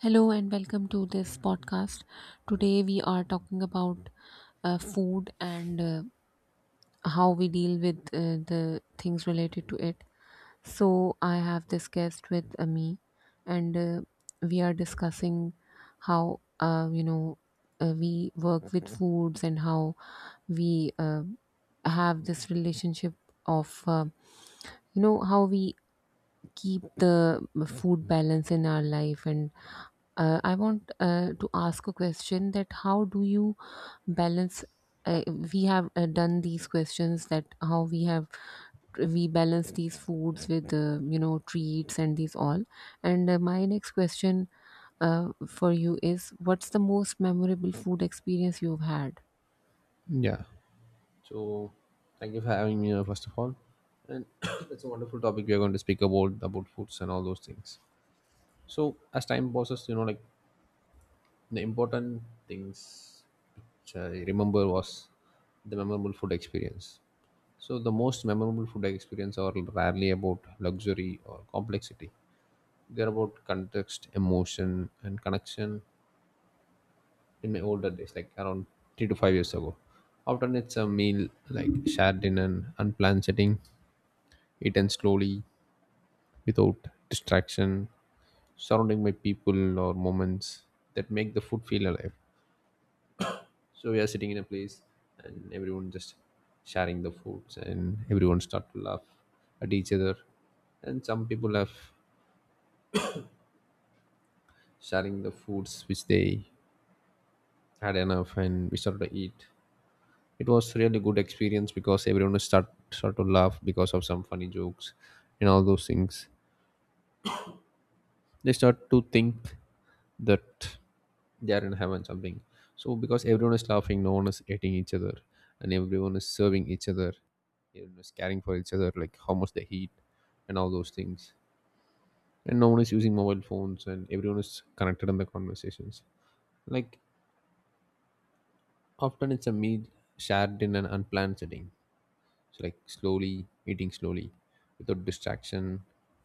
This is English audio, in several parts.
Hello and welcome to this podcast. Today we are talking about food and how we deal with the things related to it. So I have this guest with me, and we are discussing how we work with foods and how we have this relationship of how we keep the food balance in our life, and I want to ask a question, that how do you balance? uh, we have done these questions, that how we have we balance these foods with treats and these all. And my next question for you is, what's the most memorable food experience you've had? Yeah. So thank you for having me, first of all. And it's a wonderful topic we are going to speak about foods and all those things. So as time passes, you know, like the important things which I remember was the memorable food experience. So the most memorable food experience are rarely about luxury or complexity. They're about context, emotion, and connection in my older days, like around 3 to 5 years ago. Often it's a meal like shared in an unplanned setting, eaten slowly without distraction, surrounding by people or moments that make the food feel alive. So we are sitting in a place and everyone just sharing the foods and everyone start to laugh at each other. And some people have sharing the foods which they had enough and we started to eat. It was really good experience because everyone start to laugh because of some funny jokes and all those things. They start to think that they are in heaven something. So because everyone is laughing, no one is hating each other, and everyone is serving each other. Everyone is caring for each other, like how much they eat and all those things. And no one is using mobile phones and everyone is connected in the conversations. Like often it's a meal shared in an unplanned setting, so like slowly, eating slowly without distraction.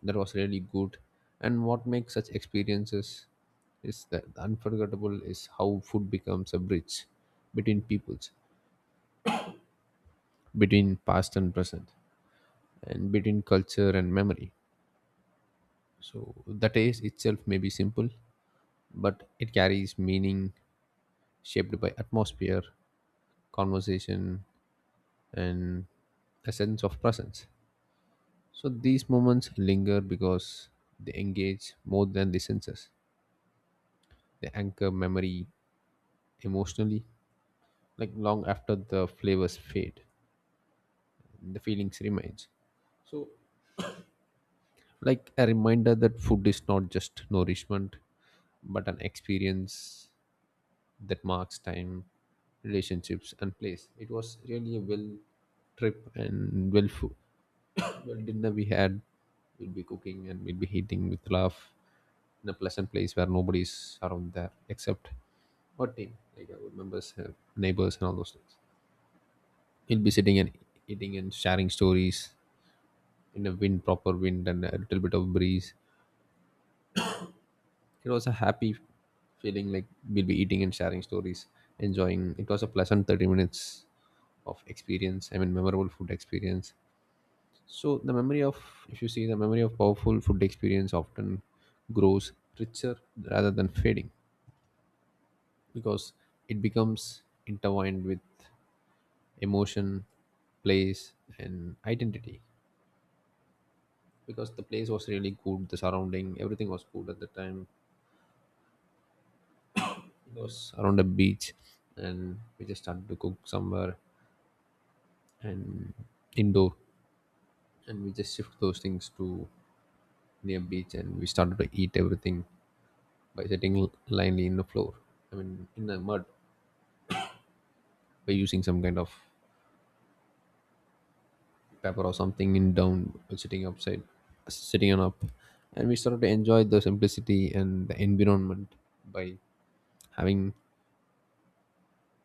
That was really good. And what makes such experiences is that unforgettable is how food becomes a bridge between peoples, between past and present, and between culture and memory. So the taste itself may be simple, but it carries meaning shaped by atmosphere, conversation, and a sense of presence. So these moments linger because they engage more than the senses. They anchor memory emotionally, like long after the flavors fade, the feelings remains. So like a reminder that food is not just nourishment, but an experience that marks time, relationships, and place. It was really a well trip and well food. Well, dinner we had, we'll be cooking and we'll be eating with love in a pleasant place where nobody's around there except our team, like our members, neighbors, and all those things. We'll be sitting and eating and sharing stories in a wind, proper wind, and a little bit of breeze. It was a happy feeling, like we'll be eating and sharing stories, enjoying. It was a pleasant 30 minutes of experience, I mean, memorable food experience. So the memory of, if you see, the memory of powerful food experience often grows richer rather than fading because it becomes intertwined with emotion, place, and identity. Because the place was really good, the surrounding, everything was good at the time. It was around a beach, and we just started to cook somewhere and indoor, and we just shift those things to near beach, and we started to eat everything by sitting l- blindly in the floor. I mean, in the mud, by using some kind of paper or something in down, sitting upside, sitting on up, and we started to enjoy the simplicity and the environment by having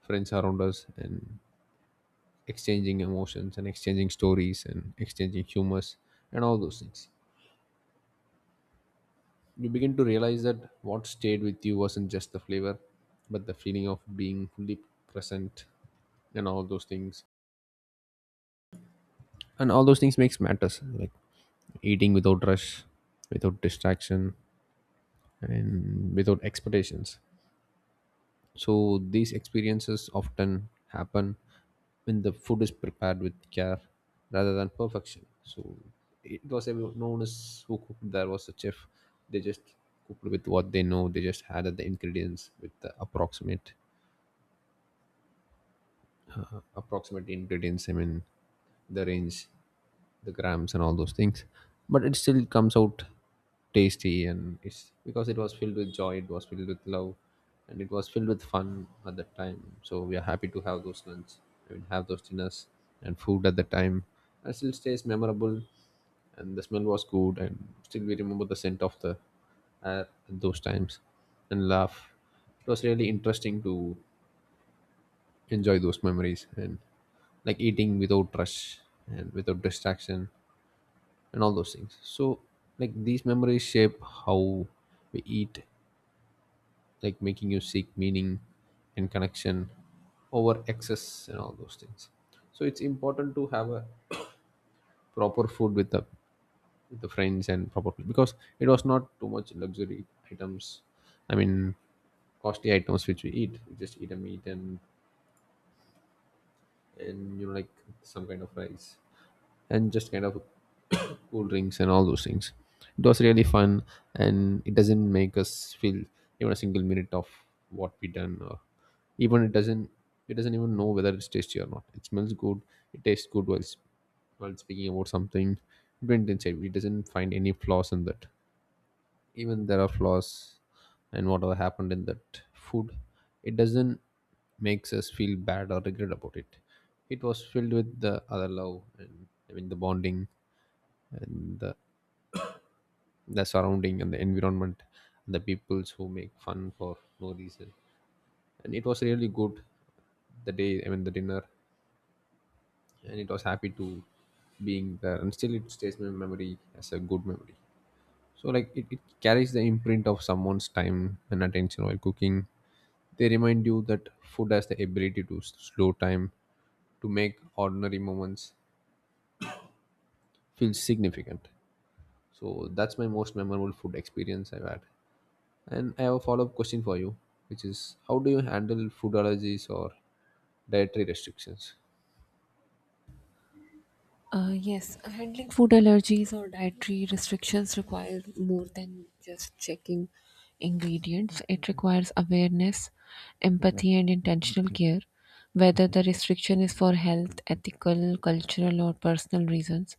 friends around us and exchanging emotions and exchanging stories and exchanging humors and all those things. You begin to realize that what stayed with you wasn't just the flavor, but the feeling of being fully present and all those things, and all those things makes matters, like eating without rush, without distraction, and without expectations. So these experiences often happen when the food is prepared with care rather than perfection. So it was everyone, no one is who cooked, there was a chef. They just cooked with what they know. They just added the ingredients with the approximate ingredients, I mean the range, the grams, and all those things. But it still comes out tasty, and it's because it was filled with joy, it was filled with love, and it was filled with fun at that time. So we are happy to have those lunch, I mean have those dinners and food at the time, and it still stays memorable. And the smell was good, and still we remember the scent of the air at those times, and laugh. It was really interesting to enjoy those memories, and like eating without rush and without distraction and all those things. So, like these memories shape how we eat, like making you seek meaning and connection over excess and all those things. So it's important to have a proper food with the friends and proper food, because it was not too much luxury items. I mean, costly items which we eat. We just eat a meat and you know, like some kind of rice and just kind of cool drinks and all those things. It was really fun, and it doesn't make us feel even a single minute of what we done, or even it doesn't. It doesn't even know whether it's tasty or not. It smells good. It tastes good while while speaking about something. It went inside. It doesn't find any flaws in that. Even there are flaws, and whatever happened in that food, it doesn't makes us feel bad or regret about it. It was filled with the other love, and I mean the bonding, and the surrounding and the environment and the peoples who make fun for no reason, and it was really good the day, I mean the dinner. And it was happy to being there, and still it stays in my memory as a good memory. So like it carries the imprint of someone's time and attention while cooking. They remind you that food has the ability to slow time, to make ordinary moments feel significant. So that's my most memorable food experience I've had. And I have a follow up question for you, which is how do you handle food allergies or dietary restrictions? Yes, handling food allergies or dietary restrictions requires more than just checking ingredients. It requires awareness, empathy, and intentional care, whether the restriction is for health, ethical, cultural, or personal reasons.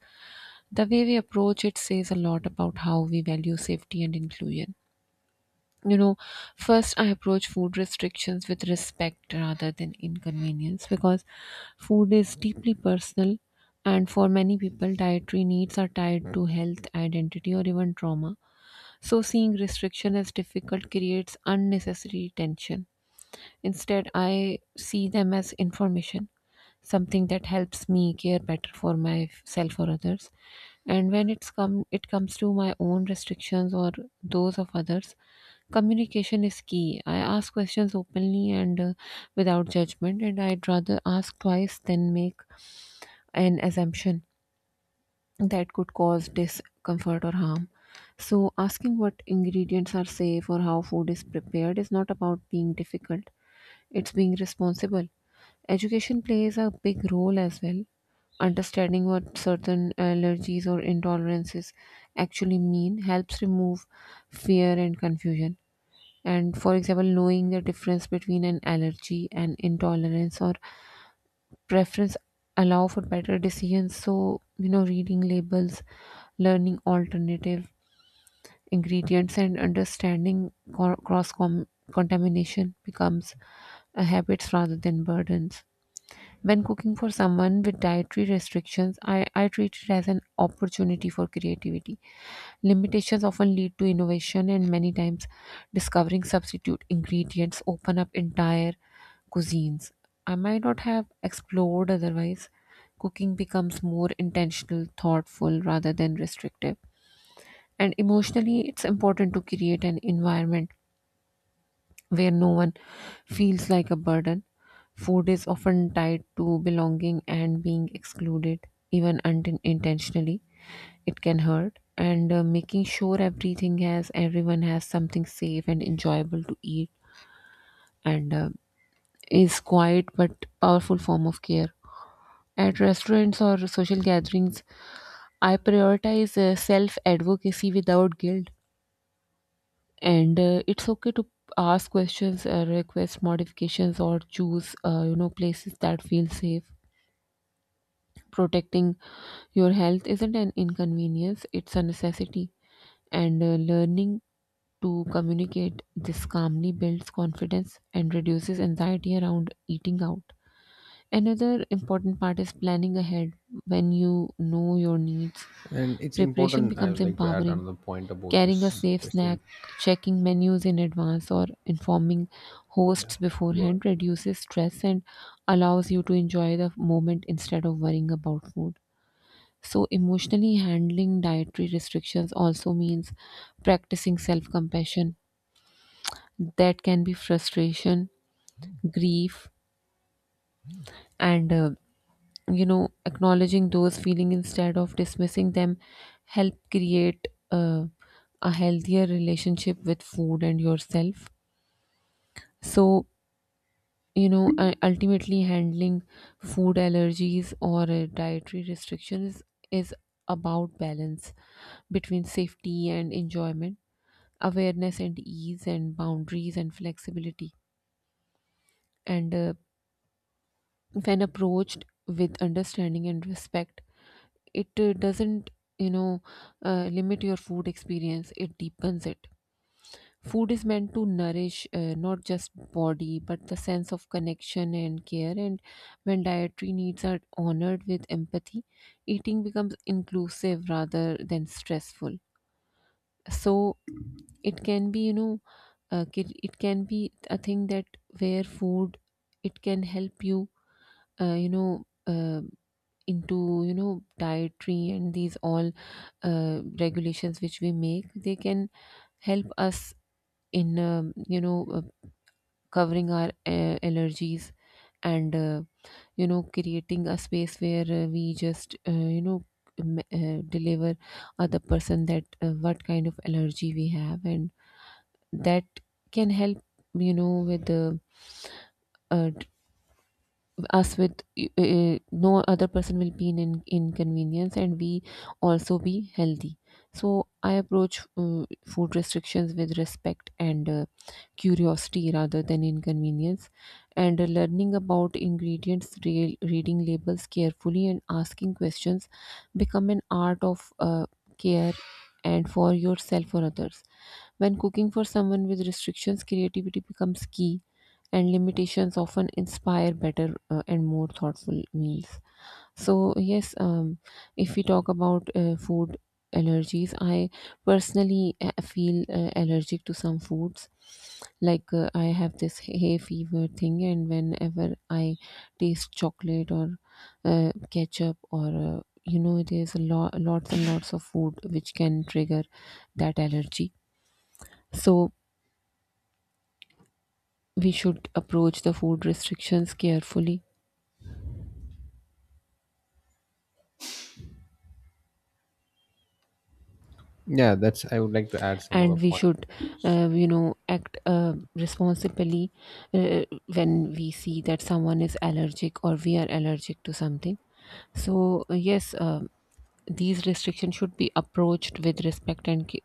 The way we approach it says a lot about how we value safety and inclusion. You know, first I approach food restrictions with respect rather than inconvenience, because food is deeply personal, and for many people dietary needs are tied to health, identity, or even trauma. So seeing restriction as difficult creates unnecessary tension. Instead, I see them as information, something that helps me care better for myself or others. And when it comes to my own restrictions or those of others, communication is key. I ask questions openly and without judgment, and I'd rather ask twice than make an assumption that could cause discomfort or harm. So asking what ingredients are safe or how food is prepared is not about being difficult, it's being responsible. Education plays a big role as well. Understanding what certain allergies or intolerances actually mean helps remove fear and confusion. And for example, knowing the difference between an allergy and intolerance or preference allow for better decisions. So, you know, reading labels, learning alternative ingredients and understanding co- cross com- contamination becomes habits rather than burdens. When cooking for someone with dietary restrictions, I treat it as an opportunity for creativity. Limitations often lead to innovation, and many times, discovering substitute ingredients open up entire cuisines I might not have explored otherwise. Cooking becomes more intentional, thoughtful rather than restrictive. And emotionally, it's important to create an environment where no one feels like a burden. Food is often tied to belonging, and being excluded, even unintentionally, it can hurt. And making sure everyone has something safe and enjoyable to eat, and is quiet but powerful form of care. At restaurants or social gatherings, I prioritize self advocacy without guilt. And it's okay to ask questions, request modifications, or choose you know, places that feel safe. Protecting your health isn't an inconvenience, it's a necessity. And learning to communicate this calmly builds confidence and reduces anxiety around eating out. Another important part is planning ahead. When you know your needs, And it's preparation important. I becomes would like to add empowering. another point about Carrying a this safe question. snack, checking menus in advance, or informing Yeah. hosts Good. beforehand reduces stress and allows you to enjoy the moment instead of worrying about food. So, emotionally, handling dietary restrictions also means practicing self compassion. That can be frustration, grief, and you know, acknowledging those feelings instead of dismissing them help create a healthier relationship with food and yourself. So, you know, ultimately handling food allergies or dietary restrictions is about balance between safety and enjoyment, awareness and ease, and boundaries and flexibility. And when approached with understanding and respect, it doesn't, you know, limit your food experience, it deepens it. Food is meant to nourish, not just body but the sense of connection and care. And when dietary needs are honored with empathy, eating becomes inclusive rather than stressful. So it can be, you know, it can be a thing that, where food, it can help you, uh, you know, uh, into you know dietary and these all regulations which we make. They can help us in you know, covering our allergies, and you know, creating a space where we just you know deliver other person that what kind of allergy we have, and that can help, you know, with the uh, t- us, with no other person will be in inconvenience, and we also be healthy. So I approach food restrictions with respect and curiosity rather than inconvenience. And learning about ingredients, reading labels carefully and asking questions become an art of care, and for yourself or others. When cooking for someone with restrictions, creativity becomes key, and limitations often inspire better and more thoughtful meals. So, yes, if we talk about food allergies, I personally feel allergic to some foods. Like, I have this hay fever thing, and whenever I taste chocolate, or ketchup, or you know, there's lots and lots of food which can trigger that allergy. So, we should approach the food restrictions carefully, Yeah, that's. I would like to add some other and we point to should this. You know, act responsibly uh, when we see that someone is allergic or we are allergic to something. So yes, these restrictions should be approached with respect and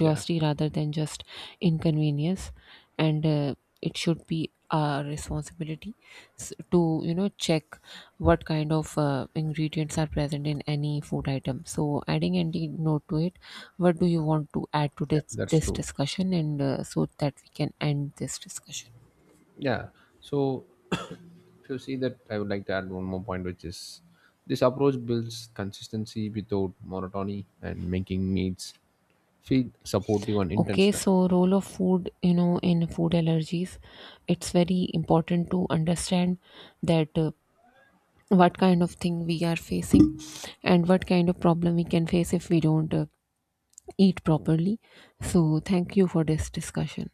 Yeah. rather than just inconvenience. And it should be our responsibility to you know check what kind of ingredients are present in any food item. So adding any note to it, what do you want to add to Yeah, this that's this true. discussion? And so that we can end this discussion. Yeah. So if you see that, I would like to add one more point, which is this approach builds consistency without monotony and making meals feel supportive and Okay, intentional. so role of food, you know, in food allergies, it's very important to understand that what kind of thing we are facing, and what kind of problem we can face if we don't eat properly. So thank you for this discussion.